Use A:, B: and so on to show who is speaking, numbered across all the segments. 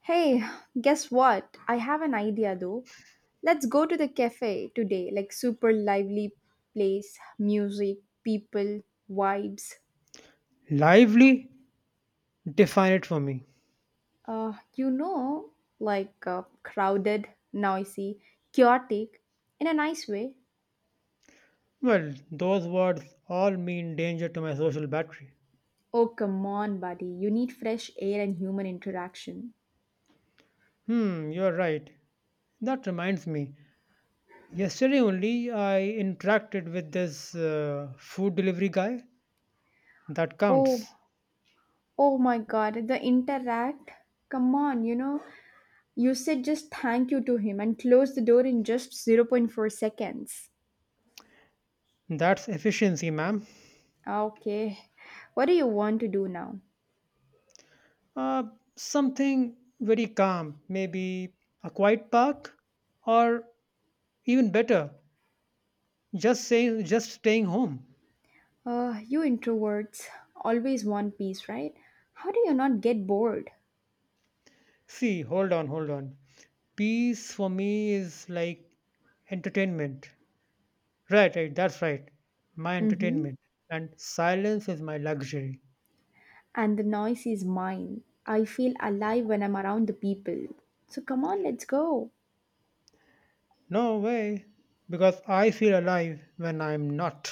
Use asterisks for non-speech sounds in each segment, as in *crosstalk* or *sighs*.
A: Hey, guess what? I have an idea though. Let's go to the cafe today, like super lively place, music, people, vibes.
B: Lively? Define it for me.
A: Uh, you know, like crowded, noisy, chaotic, in a nice way.
B: Well, those words all mean danger to my social battery.
A: Oh, come on, buddy. You need fresh air and human interaction.
B: Hmm, you're right. That reminds me. Yesterday only I interacted with this food delivery guy. That
A: Oh,
B: counts.
A: oh, my God, the interact. Come on, you said just thank you to him and close the door in just zero point 0.4 seconds.
B: That's efficiency, ma'am.
A: Okay, what do you want to do now?
B: Uh, something very calm, maybe a quiet park, or even better, just staying home.
A: You introverts always want peace, right? How do you not get bored?
B: See, hold on, hold on. Peace for me is like entertainment. Right, right, that's right. My
A: Mm-hmm.
B: entertainment. And silence is my luxury.
A: And the noise is mine. I feel alive when I'm around the people. So come on, let's go.
B: No way. Because I feel alive when I'm not.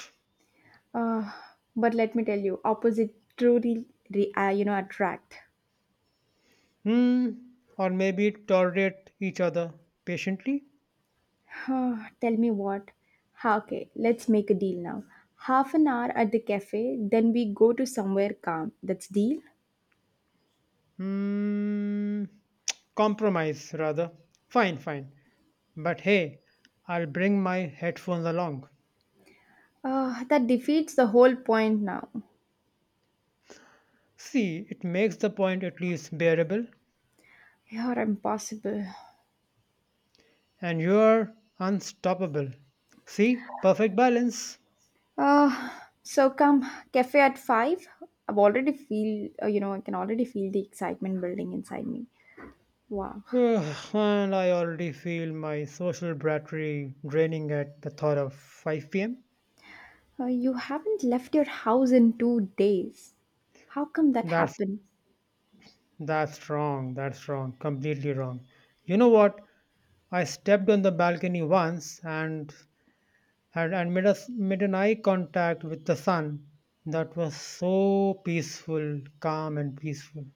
A: Uh, but let me tell you, opposite truly, attract.
B: Hmm. Or maybe tolerate each other patiently?
A: Huh, tell me what? Ha, okay, let's make a deal now. Half an hour at the cafe, then we go to somewhere calm. That's deal.
B: Hmm. Compromise, rather. Fine, fine. But hey, I'll bring my headphones along.
A: That defeats the whole point now.
B: See, it makes the point at least bearable.
A: You're impossible.
B: And you're unstoppable. See, perfect balance.
A: Uh, so come, cafe at 5. I can already feel the excitement building inside me. Wow.
B: *sighs* And I already feel my social battery draining at the thought of 5 pm.
A: You haven't left your house in 2 days. How come that
B: That's
A: happened?
B: that's wrong. That's wrong. Completely wrong. You know what? I stepped on the balcony once and made an eye contact with the sun. That was so peaceful, calm and peaceful.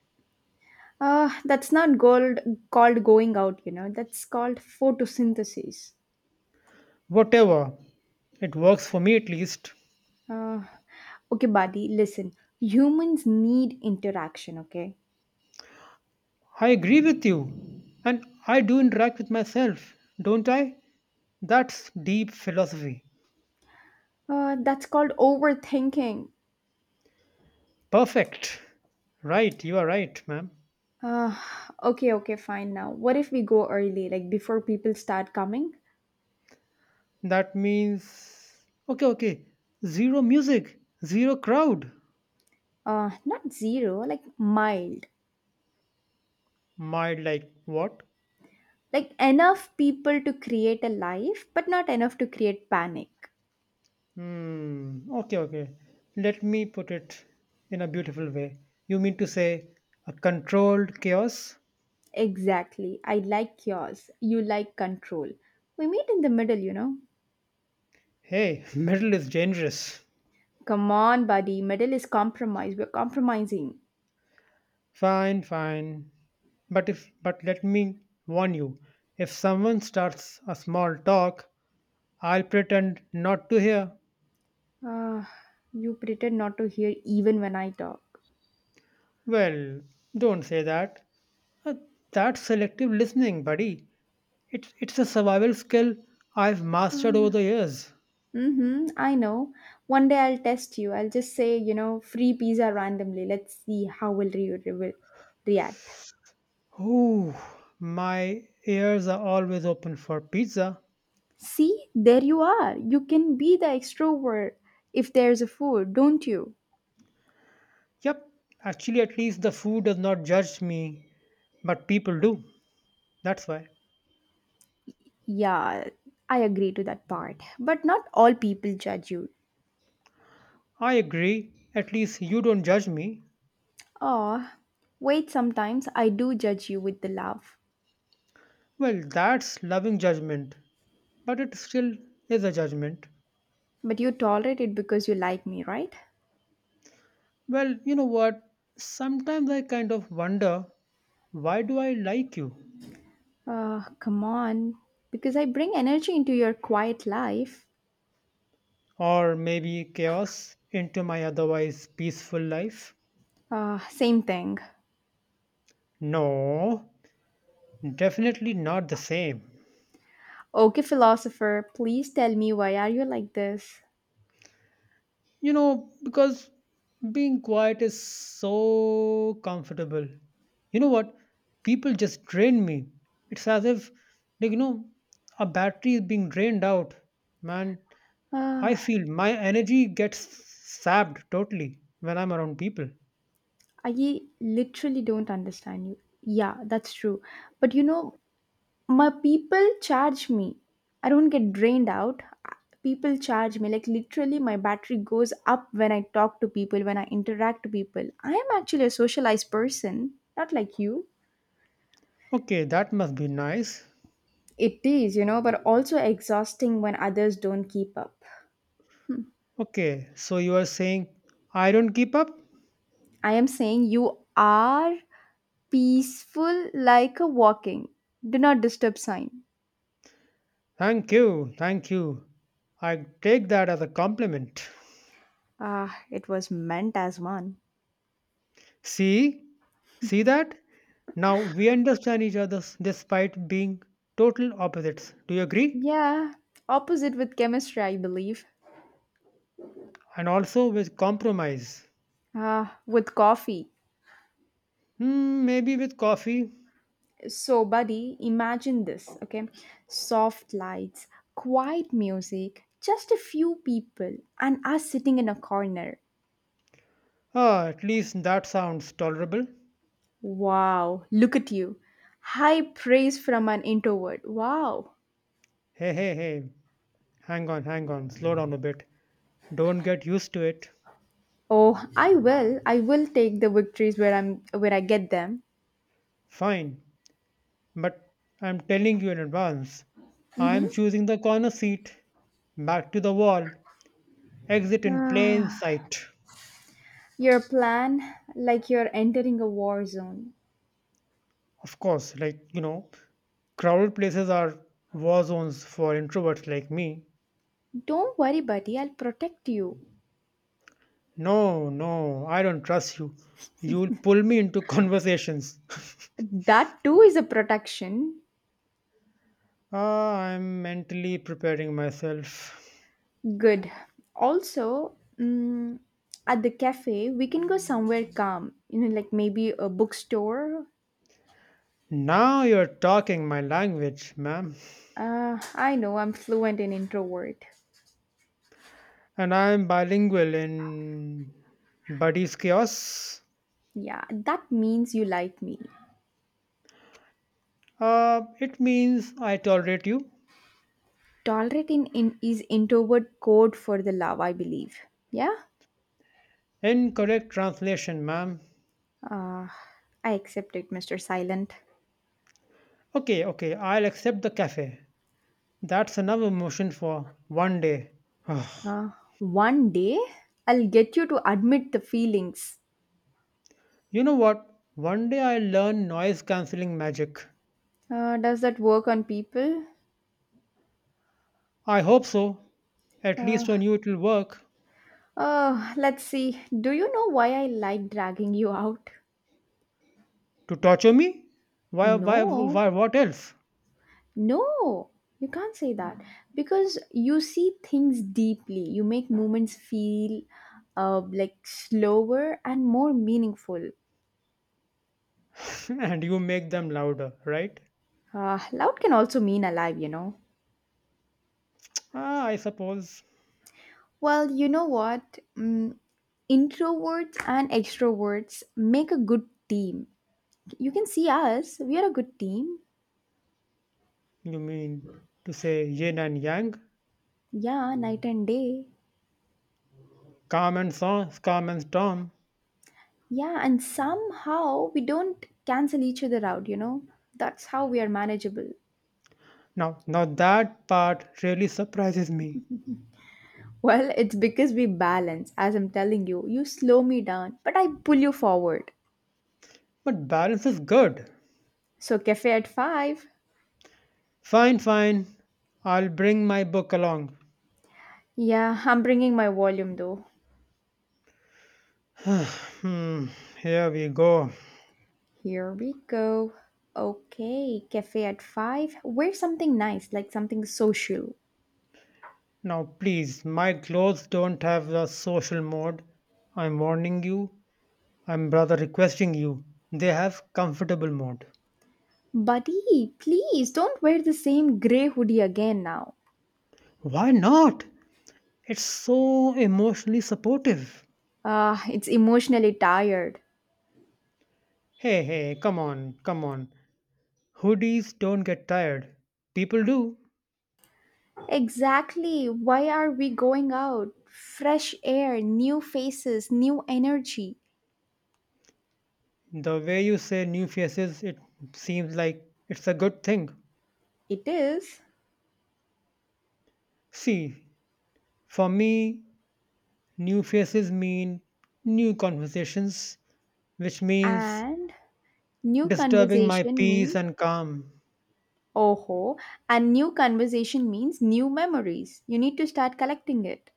A: That's not gold, called going out. That's called photosynthesis.
B: Whatever. It works for me at least.
A: Uh, okay, buddy, listen. Humans need interaction, okay?
B: I agree with you. And I do interact with myself, don't I? That's deep philosophy.
A: That's called overthinking.
B: Perfect. Right, you are right, ma'am.
A: Uh, okay, okay, fine now. What if we go early, like before people start coming?
B: That means. Okay, okay. Zero music, zero crowd.
A: Not zero, like mild.
B: Mild, like what?
A: Like enough people to create a life, but not enough to create panic.
B: Hmm, okay, okay. Let me put it in a beautiful way. You mean to say a controlled chaos?
A: Exactly. I like chaos. You like control. We meet in the middle, you know?
B: Hey, *laughs* metal is dangerous.
A: Come on, buddy. Middle is compromise. We're compromising.
B: Fine, fine. But if but let me warn you, if someone starts a small talk, I'll pretend not to hear.
A: Uh, you pretend not to hear even when I talk.
B: Well, don't say that. Uh, that's selective listening, buddy. It's a survival skill I've mastered over
A: Uh,
B: the years.
A: Mm-hmm, I know. One day I'll test you. I'll just say, free pizza randomly. Let's see how will you re- will react.
B: Ooh, my ears are always open for pizza.
A: See, there you are. You can be the extrovert if there's a food, don't you?
B: Yep, actually, at least the food does not judge me, but people do. That's why.
A: Yeah, I agree to that part. But not all people judge you.
B: I agree, at least you don't judge me.
A: Oh, wait, sometimes I do judge you with the love.
B: Well, that's loving judgment, but it still is a judgment.
A: But you tolerate it because you like me, right?
B: Well, you know what? Sometimes I kind of wonder why do I like you?
A: Come on. Because I bring energy into your quiet life.
B: Or maybe chaos into my otherwise peaceful life?
A: Same thing.
B: No, definitely not the same.
A: Okay, philosopher, please tell me why are you like this?
B: You know because being quiet is so comfortable. You know what, people just drain me. It's as if, like a battery is being drained out, man. I
A: Uh,
B: feel my energy gets sapped totally when I'm around people.
A: I literally don't understand you. Yeah, that's true. But my people charge me. I don't get drained out. Ah, people charge me. Like literally my battery goes up when I talk to people, when I interact to people. I am actually a socialized person, not like you.
B: Okay, that must be nice.
A: It is, but also exhausting when others don't keep up.
B: Okay, so you are saying I don't keep up.
A: I am saying you are peaceful like a walking, do not disturb sign.
B: Thank you, thank you. I take that as a compliment.
A: Ah, it was meant as one.
B: See? See that? Now we understand each other despite being total opposites. Do you agree?
A: Yeah, opposite with chemistry, I believe.
B: And also with compromise.
A: Ah, with coffee.
B: Hmm, maybe with coffee.
A: So, buddy, imagine this, okay? Soft lights, quiet music, just a few people, and us sitting in a corner.
B: Ah, at least that sounds tolerable.
A: Wow, look at you. High praise from an introvert. Wow.
B: Hey, hey, hey. Hang on, hang on. Slow down a bit. Don't get used to it.
A: Oh, I will. I will take the victories where I get them.
B: Fine. But I'm telling you in advance. I'm choosing the corner seat. Back to the wall. Exit
A: *sighs*
B: in plain
A: Ah,
B: sight.
A: your plan, like you're entering a war zone.
B: Of course, like, crowded places are war zones for introverts like me.
A: Don't worry, buddy, I'll protect you.
B: No, no, I don't trust you. You'll pull me into conversations. *laughs*
A: That too is a protection.
B: Ah, I'm mentally preparing myself.
A: Good. Also, at the cafe, we can go somewhere calm, like maybe a bookstore.
B: Now you're talking my language, ma'am.
A: I know I'm fluent in introvert.
B: And I'm bilingual in Buddy's Chaos.
A: Yeah, that means you like me.
B: It means I tolerate you.
A: Tolerate in is introvert code for the love, I believe. Yeah?
B: Incorrect translation, ma'am.
A: Uh, I accept it, Mr. Silent.
B: Okay, okay, I'll accept the cafe. That's enough emotion for one day. *sighs*
A: Uh, One day, I'll get you to admit the feelings.
B: You know what? One day I'll learn noise cancelling magic.
A: Does that work on people?
B: I hope so. At
A: Uh,
B: least on you it will work.
A: oh, let's see. Do you know why I like dragging you out?
B: To torture me?
A: No,
B: Why what else?
A: no, you can't say that because you see things deeply. You make moments feel like slower and more meaningful.
B: *laughs* And you make them louder, right?
A: Loud can also mean alive.
B: Ah, I suppose
A: Well, you know what? Introverts and extroverts make a good team. You can see us, we are a good team.
B: you mean to say yin and yang,
A: Yeah, night and day.
B: calm and storm, calm and storm.
A: Yeah, and somehow we don't cancel each other out, you know? That's how we are manageable. *laughs*
B: Now, now that part really surprises me.
A: Well, it's because we balance, as I'm telling you. You slow me down, but I pull you forward.
B: But balance is good.
A: So, cafe at 5.
B: Fine, fine. I'll bring my book along.
A: Yeah, *laughs* I'm bringing my volume though.
B: Hmm, here we go.
A: Here we go. Okay, cafe at 5. Wear something nice, like something social.
B: Now, please, my clothes don't have a social mode. I'm warning you. I'm rather requesting you. They have comfortable mode.
A: Buddy, please don't wear the same grey hoodie again now.
B: Why not? It's so emotionally supportive.
A: Ah, it's emotionally tired.
B: Hey, hey, come on, come on. Hoodies don't get tired. People do.
A: Exactly. Why are we going out? Fresh air, new faces, new energy.
B: The way you say new faces, it seems like it's a good thing.
A: It is.
B: See, for me, new faces mean new conversations, which means
A: And new
B: disturbing my
A: conversation
B: peace
A: means,
B: and calm,
A: oh ho, and new conversation means new memories. You need to start collecting it.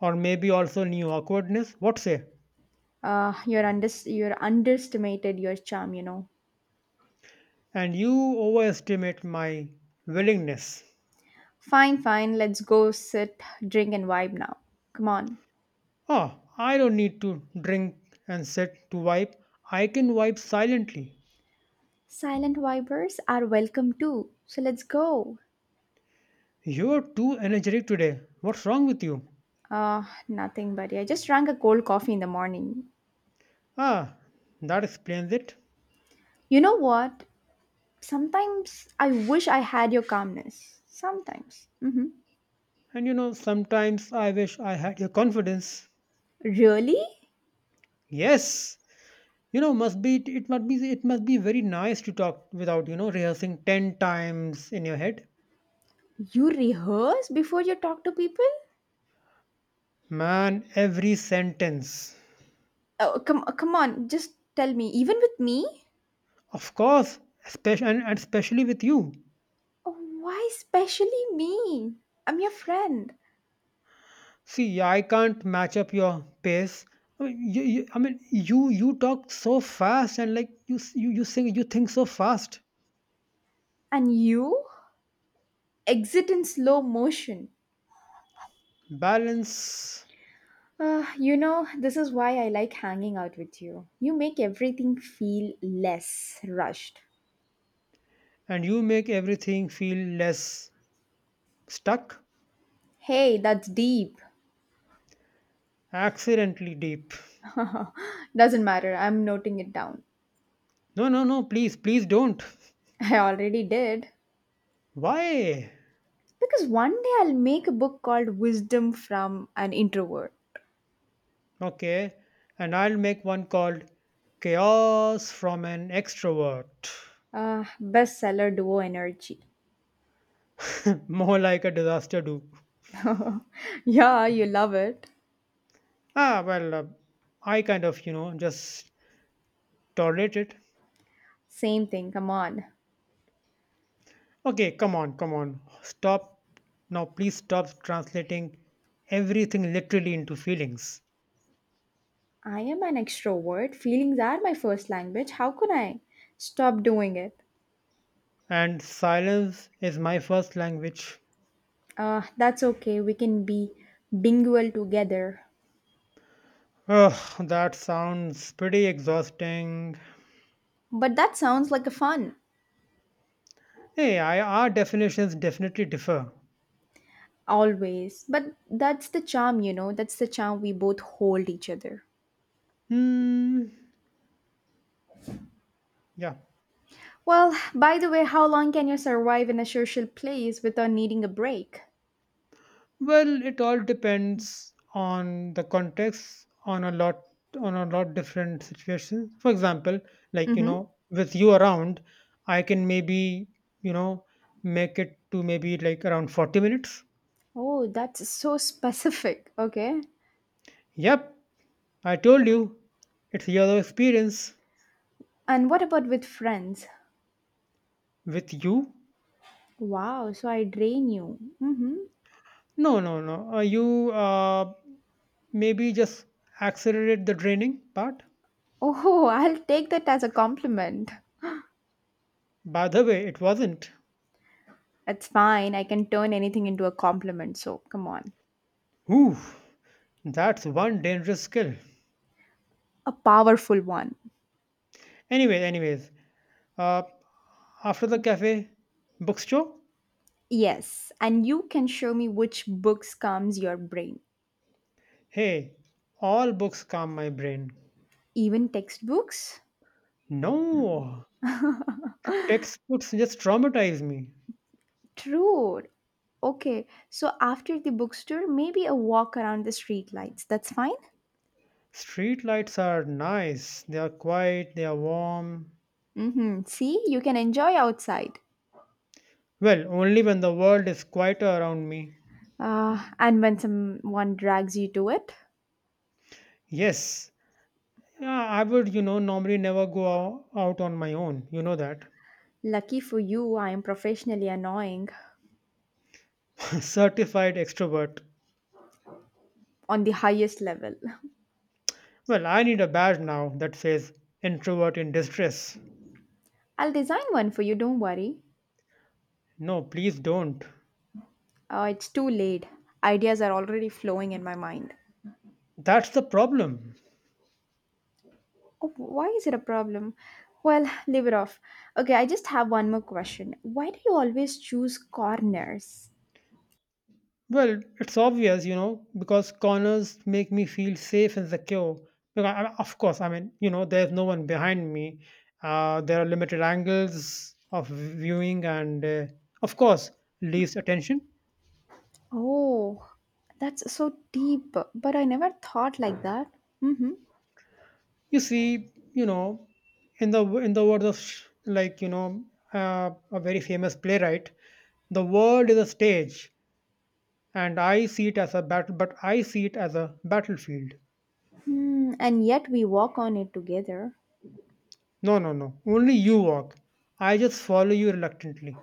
B: or maybe also new awkwardness. What say?
A: You're underestimated your charm.
B: And you overestimate my willingness.
A: Fine, fine. Let's go sit, drink, and vibe now. Come on.
B: Oh, I don't need to drink and sit to wipe. I can wipe silently.
A: Silent vibers are welcome too. So let's go.
B: You're too energetic today. What's wrong with you?
A: Uh, Nothing, buddy. I just drank a cold coffee in the morning.
B: Ah, that explains it.
A: You know what? Sometimes I wish I had your calmness. Sometimes. Hmm.
B: And you know, sometimes I wish I had your confidence.
A: Really?
B: Yes, it must be very nice to talk without, rehearsing 10 times in your head,
A: You rehearse before you talk to people?
B: man, every sentence.
A: Oh, come on. Just tell me. Even with me?
B: Of course, especially, and especially with you.
A: Oh, why especially me? I'm your friend.
B: See, I can't match up your pace. I mean, you talk so fast, and like, you sing, you think so fast.
A: And you? Exit in slow motion.
B: Balance.
A: This is why I like hanging out with you. You make everything feel less rushed.
B: And you make everything feel less stuck.
A: Hey, that's deep.
B: Accidentally deep.
A: *laughs* Doesn't matter, I'm noting it down.
B: No, no, no, please, please don't.
A: *laughs* I already did.
B: Why?
A: Because one day I'll make a book called Wisdom from an Introvert.
B: Okay, and I'll make one called Chaos from an Extrovert.
A: Bestseller duo energy.
B: *laughs* More like a disaster do.
A: *laughs* Yeah, you love it.
B: Ah, well, I kind of, just tolerate it.
A: Same thing, come on.
B: Okay, come on, come on. Stop. Now, please stop translating everything literally into feelings.
A: I am an extrovert. Feelings are my first language. How could I stop doing it?
B: And silence is my first language.
A: That's okay. We can be bilingual together.
B: Ugh, that sounds pretty exhausting.
A: But that sounds like a fun,
B: Hey, our definitions definitely differ.
A: always. But that's the charm. That's the charm we both hold each other.
B: Hmm, yeah.
A: Well, by the way, how long can you survive in a social place without needing a break?
B: Well, it all depends on the context, on a lot different situations. For example, like,
A: Mm-hmm.
B: with you around, I can maybe, you know make it to maybe like around 40 minutes.
A: Oh, that's so specific. Okay.
B: Yep, I told you, it's your experience
A: And what about with friends?
B: with you.
A: Wow, so I drain you. Mm-hmm.
B: No, no, no. You, maybe just accelerate the draining part.
A: Oh, *laughs* I'll take that as a compliment.
B: By the way, it wasn't.
A: That's fine. I can turn anything into a compliment, so come on.
B: Ooh, that's one dangerous skill.
A: A powerful one.
B: Anyway, anyways, Uh, after the cafe, books show?
A: Yes, and you can show me which books calms your brain.
B: Hey, all books calm my brain.
A: Even textbooks?
B: No, textbooks just traumatize me.
A: True. Okay, so after the bookstore, maybe a walk around the streetlights. That's fine?
B: Street lights are nice, they are quiet, they are warm.
A: Mm-hmm. See, you can enjoy outside.
B: Well, only when the world is quieter around me.
A: Ah, and when someone drags you to it,
B: Yes, yeah, I would, normally never go out on my own, you know that.
A: lucky for you, I am professionally annoying
B: *laughs* Certified extrovert.
A: on the highest level.
B: Well, I need a badge now that says introvert in distress.
A: I'll design one for you, don't worry.
B: No, please don't.
A: It's too late. Ideas are already flowing in my mind.
B: That's the problem.
A: Oh, why is it a problem? Well, *laughs* *sighs* leave it off. Okay, I just have one more question. Why do you always choose corners?
B: Well, it's obvious, because corners make me feel safe and secure. Because, of course, I mean, there's no one behind me. There are limited angles of viewing, and of course, leaves attention.
A: Oh, that's so deep, but I never thought like that. Mm-hmm.
B: You see, in the words of a very famous playwright, the world is a stage, and I see it as a battlefield.
A: Hmm, and yet we walk on it together.
B: No, no, no. Only you walk. I just follow you reluctantly.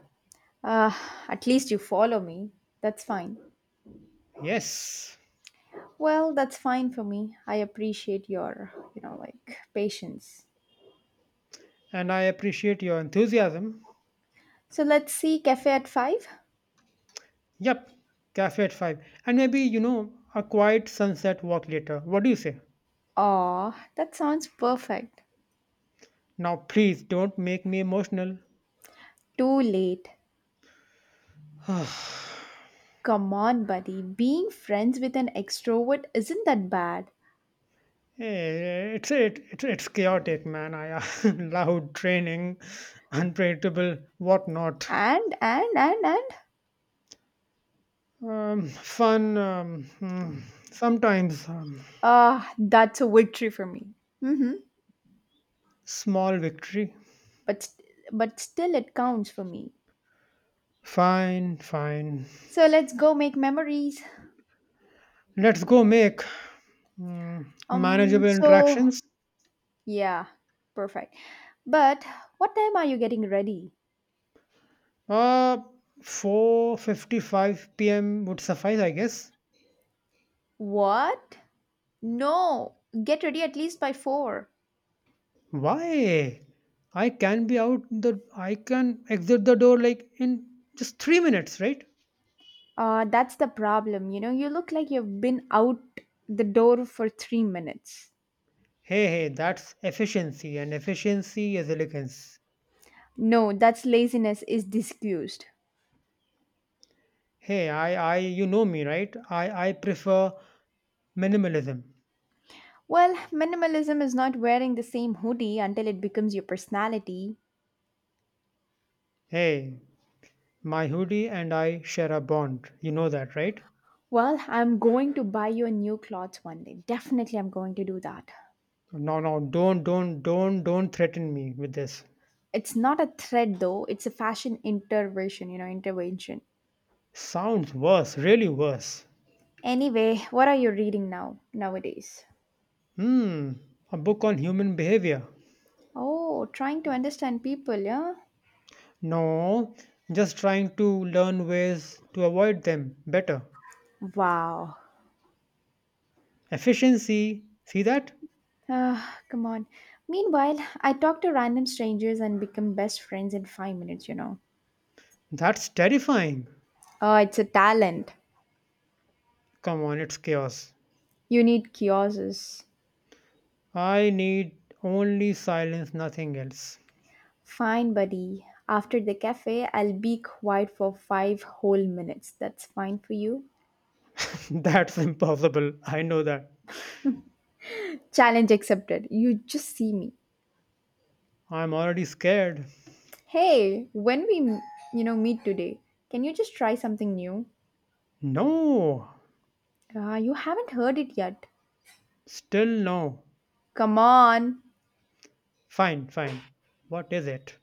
A: Uh, at least you follow me. That's fine.
B: Yes.
A: Well, that's fine for me. I appreciate your, like patience.
B: And I appreciate your enthusiasm.
A: So let's see cafe at 5?
B: Yep. Cafe at 5. And maybe, a quiet sunset walk later. What do you say?
A: Oh, that sounds perfect.
B: Now, please don't make me emotional.
A: Too late.
B: *sighs*
A: Come on, buddy. Being friends with an extrovert isn't that bad.
B: Eh, it's, it, it's chaotic, man. I *laughs* loud training, unpredictable, whatnot.
A: And and and and
B: Fun, sometimes,
A: that's a victory for me. Mhm.
B: small victory.
A: But st- but still it counts for me.
B: Fine, fine.
A: So let's go make memories.
B: Let's go make mm,
A: Um
B: manageable
A: so
B: interactions.
A: yeah, perfect. But what time are you getting ready?
B: Uh, 4:55 p.m. would suffice, I guess.
A: What? No, get ready at least by 4.
B: Why? I can be out the I can exit the door like in just 3 minutes, right?
A: That's the problem. You know, you look like you've been out the door for 3 minutes.
B: Hey, hey, that's efficiency and efficiency is elegance.
A: No, that's laziness is discussed.
B: Hey, I you know me, right? I prefer minimalism.
A: Well, minimalism is not wearing the same hoodie until it becomes your personality.
B: Hey, my hoodie and I share a bond. You know that, right?
A: Well, I'm going to buy you a new clothes one day. Definitely, I'm going to do that.
B: No, no, don't threaten me with this.
A: It's not a thread though, it's a fashion intervention.
B: Sounds worse, really worse.
A: Anyway, what are you reading now, nowadays?
B: Hmm, a book on human behavior.
A: Oh, trying to understand people, yeah?
B: No, just trying to learn ways to avoid them better.
A: Wow.
B: Efficiency, see that?
A: Ah, come on. Meanwhile, I talk to random strangers and become best friends in five minutes.
B: That's terrifying.
A: Oh, it's a talent.
B: Come on, it's chaos.
A: You need kiosks.
B: I need only silence, nothing else.
A: Fine, buddy. After the cafe, I'll be quiet for 5 whole minutes. That's fine for you.
B: *laughs* That's impossible, I know that.
A: Challenge accepted. You just see me.
B: I'm already scared.
A: Hey, when we, meet today, can you just try something new?
B: No,
A: Ah, you haven't heard it yet.
B: still no.
A: Come on.
B: Fine, fine. What is it?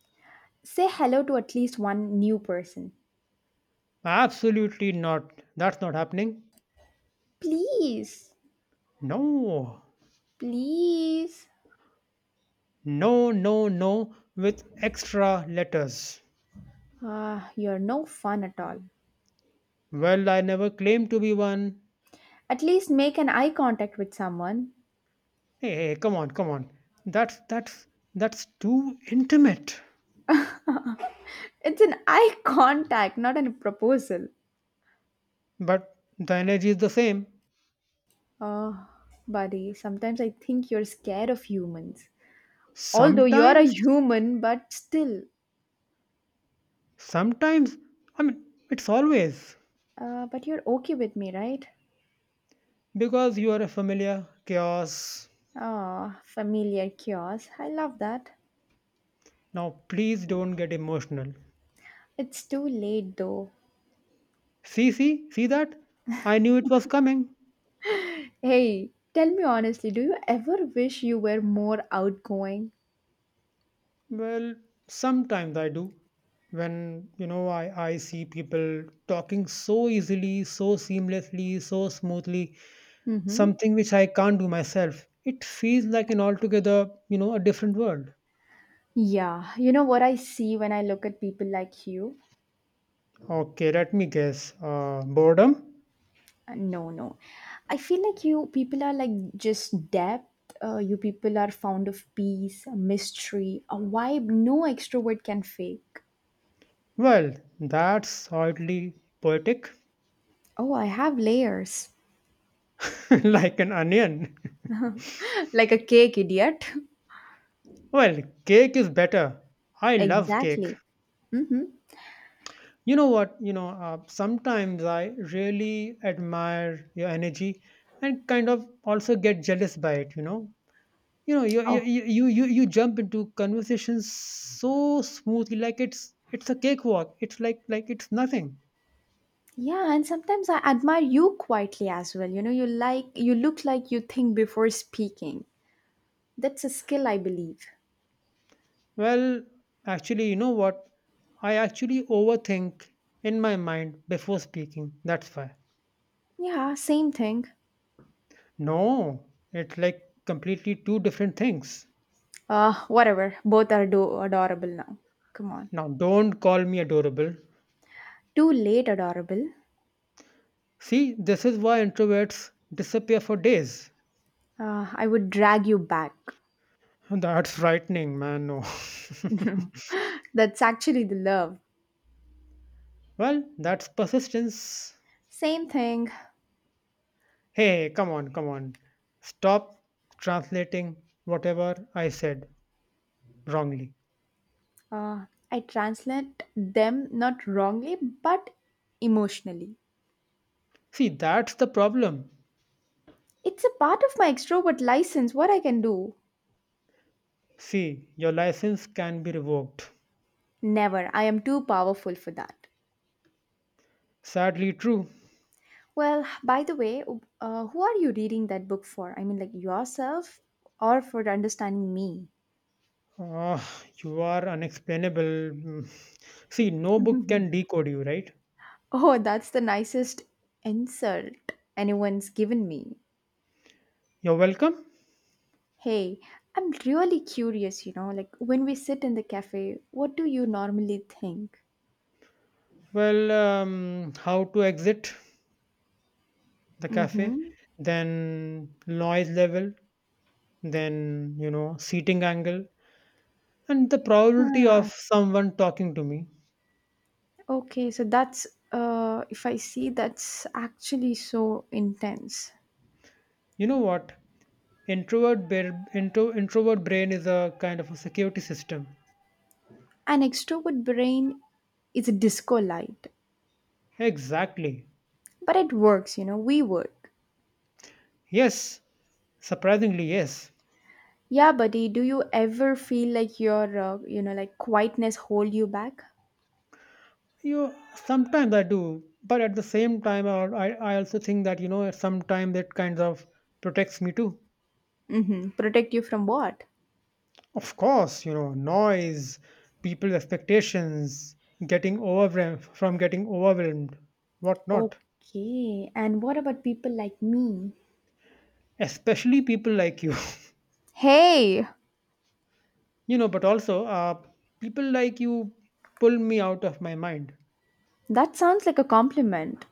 A: Say hello to at least one new person.
B: Absolutely not. That's not happening.
A: Please.
B: No.
A: Please.
B: No, no, no. With extra letters.
A: Ah, you're no fun at all.
B: Well, I never claimed to be one.
A: At least make an eye contact with someone.
B: Hey, hey, come on, come on. That's that's that's too intimate.
A: It's an eye *laughs* contact, not a proposal.
B: But the energy is the same.
A: Oh, buddy, sometimes I think you're scared of humans. Although you're a
B: Sometimes,
A: human, but still.
B: sometimes, I mean, it's always
A: But you're okay with me, right?
B: because you are a familiar chaos.
A: Ah, familiar chaos. I love that.
B: Now, please don't get emotional.
A: It's too late though.
B: See, see, see that? I knew it was coming.
A: Hey, tell me honestly, do you ever wish you were more outgoing?
B: Well, sometimes I do. When, I see people talking so easily, so seamlessly, so smoothly,
A: Mm hmm.
B: something which I can't do myself, it feels like an altogether, a different world.
A: Yeah, you know what I see when I look at people like you?
B: Okay, let me guess. Boredom?
A: No, no. I feel like you people are like just depth. You people are fond of peace, mystery, a vibe no extrovert can fake.
B: Well, that's oddly poetic,
A: Oh, I have layers.
B: *laughs* like an onion. *laughs*
A: *laughs* Like a cake, idiot. *laughs*
B: Well, cake is better. I love cake.
A: Exactly. Mm-hmm.
B: You know what? Sometimes I really admire your energy and kind of also get jealous by it. You
A: Oh,
B: you you you, you jump into conversations so smoothly like it's a cakewalk. It's like it's nothing.
A: yeah. And sometimes I admire you quietly as well. You know, you like, you look like you think before speaking. That's a skill, I believe.
B: Well, actually, you know what? I actually overthink in my mind before speaking. That's why.
A: Yeah, same thing.
B: No, it's like completely two different things.
A: Whatever. Both are adorable now. Come on.
B: Now, don't call me adorable.
A: Too late, adorable.
B: See, this is why introverts disappear for days.
A: I would drag you back.
B: That's frightening, man. No. *laughs*
A: *laughs* That's actually the love.
B: Well, that's persistence.
A: Same thing.
B: Hey, come on, come on. Stop translating whatever I said wrongly.
A: Uh, I translate them not wrongly, but emotionally.
B: See, that's the problem.
A: It's a part of my extrovert license, what I can do.
B: See, your license can be revoked.
A: Never. I am too powerful for that.
B: Sadly, true.
A: Well, by the way, who are you reading that book for? I mean, like yourself or for understanding me?
B: Ah, you are unexplainable. Mm. See, no book can decode you, right?
A: Oh, that's the nicest insult anyone's given me.
B: You're welcome.
A: Hey, I'm really curious, like when we sit in the cafe, what do you normally think?
B: Well, how to exit the cafe,
A: Mm-hmm.
B: then noise level, then, seating angle, and the probability of
A: Ah,
B: someone talking to me.
A: okay, so that's if I see that's actually so intense.
B: You know what? Introvert brain is a kind of a security system.
A: An extrovert brain is a disco light.
B: Exactly.
A: But it works, we work.
B: Yes. Surprisingly, yes.
A: Yeah, buddy, do you ever feel like your like quietness hold you back?
B: You sometimes I do, but at the same time, I also think that, sometimes it kind of protects me too.
A: Mm-hmm. Protect you from what?
B: Of course, noise, people's expectations, getting overwhelmed, whatnot.
A: Okay, and what about people like me?
B: Especially people like you,
A: Hey,
B: *laughs* but also, people like you pull me out of my mind.
A: that sounds like a compliment.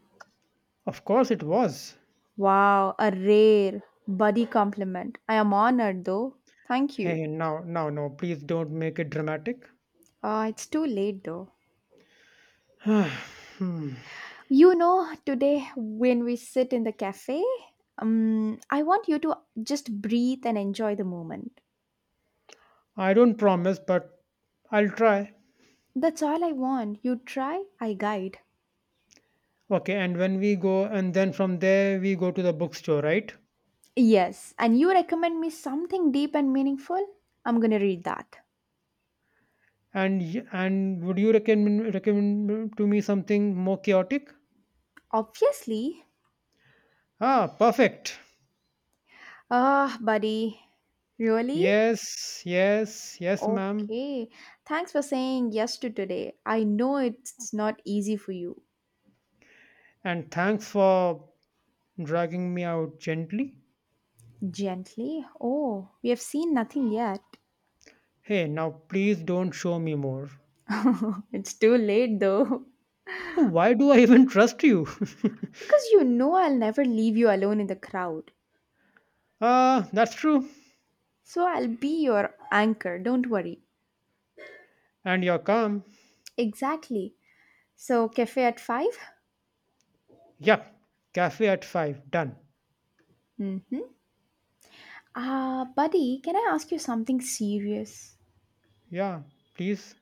B: Of course, it was.
A: Wow, a rare buddy compliment. I am honored though. Thank you.
B: Hey, now, now, no, please don't make it dramatic.
A: It's too late though.
B: *sighs* Hmm.
A: You know, today when we sit in the cafe, I want you to just breathe and enjoy the moment.
B: I don't promise, but I'll try.
A: That's all I want. You try, I guide.
B: Okay, and when we go, and then from there we go to the bookstore, right?
A: Yes, and you recommend me something deep and meaningful? I'm gonna read that.
B: And would you recommend to me something more chaotic?
A: Obviously,
B: Ah, perfect.
A: ah, buddy. Really?
B: Yes, yes, yes, ma'am.
A: Okay. Thanks for saying yes to today. I know it's not easy for you.
B: And thanks for dragging me out gently.
A: Gently? Oh, we have seen nothing yet.
B: Hey, now please don't show me more.
A: *laughs* It's too late though.
B: Why do I even trust you? *laughs*
A: Because you know I'll never leave you alone in the crowd.
B: Ah, that's true.
A: So I'll be your anchor, don't worry.
B: And you're calm.
A: Exactly. So, cafe at 5?
B: Yep. Cafe at five. Done.
A: Mm hmm. Ah, buddy, can I ask you something serious?
B: Yeah, please.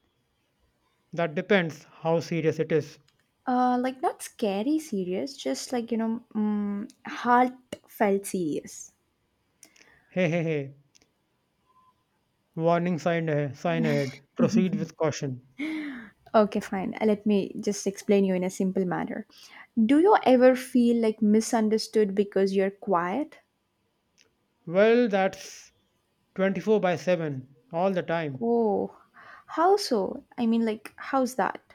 B: That depends how serious it is.
A: Like not scary serious, just like heartfelt serious.
B: Hey, hey, hey. Warning sign ahead. Sign ahead. Proceed with caution.
A: Okay, fine. Let me just explain you in a simple manner. Do you ever feel like misunderstood because you're quiet?
B: Well, that's 24/7 all the time.
A: Oh, how so? I mean, like, how's that?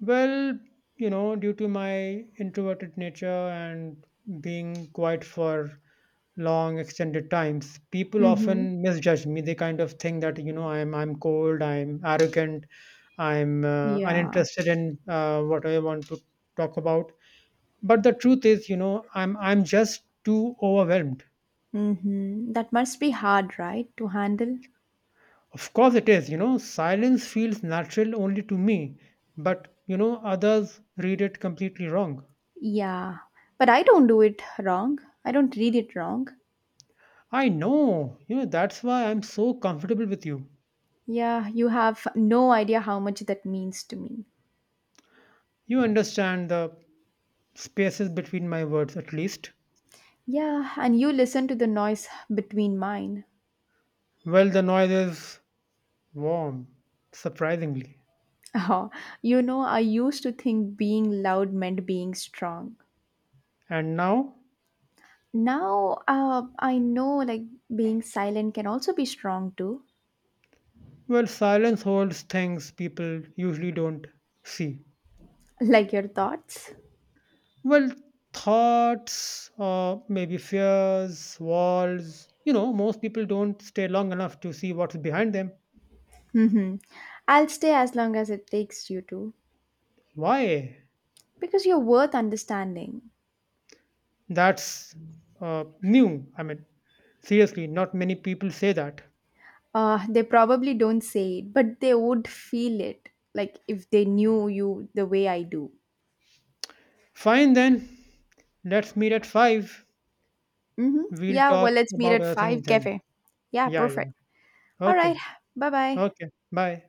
B: Well, due to my introverted nature and being quiet for long extended times, people
A: Mm-hmm.
B: often misjudge me. They kind of think that, I'm cold, I'm arrogant, I'm
A: Yeah.
B: uninterested in what I want to talk about. But the truth is, I'm just too overwhelmed.
A: Mm-hmm. That must be hard, right, to handle?
B: Of course, it is. Silence feels natural only to me, but, others read it completely wrong.
A: Yeah. But I don't do it wrong. I don't read it wrong.
B: I know, that's why I'm so comfortable with you.
A: Yeah, you have no idea how much that means to me.
B: You understand the spaces between my words, at least.
A: Yeah, and you listen to the noise between mine. *laughs*
B: Well, the noise is warm, surprisingly.
A: Oh, you know, I used to think being loud meant being strong.
B: And now,
A: Now, I know like being silent can also be strong too,
B: well, silence holds things people usually don't see.
A: *laughs* like your thoughts.
B: Well, thoughts, maybe fears, walls. Most people don't stay long enough to see what's behind them.
A: Mm-hmm. I'll stay as long as it takes you to,
B: Why?
A: because you're worth understanding.
B: That's new. I mean, seriously, not many people say that.
A: They probably don't say it, but they would feel it, like if they knew you the way I do.
B: Fine then, let's meet at 5.
A: Mm-hmm.
B: We'll
A: Yeah, well,
B: talk
A: let's meet
B: about
A: at
B: other things
A: 5
B: then.
A: cafe. Yeah,
B: Yeah, yeah.
A: perfect. All right.
B: Okay,
A: Bye bye.
B: okay. Bye.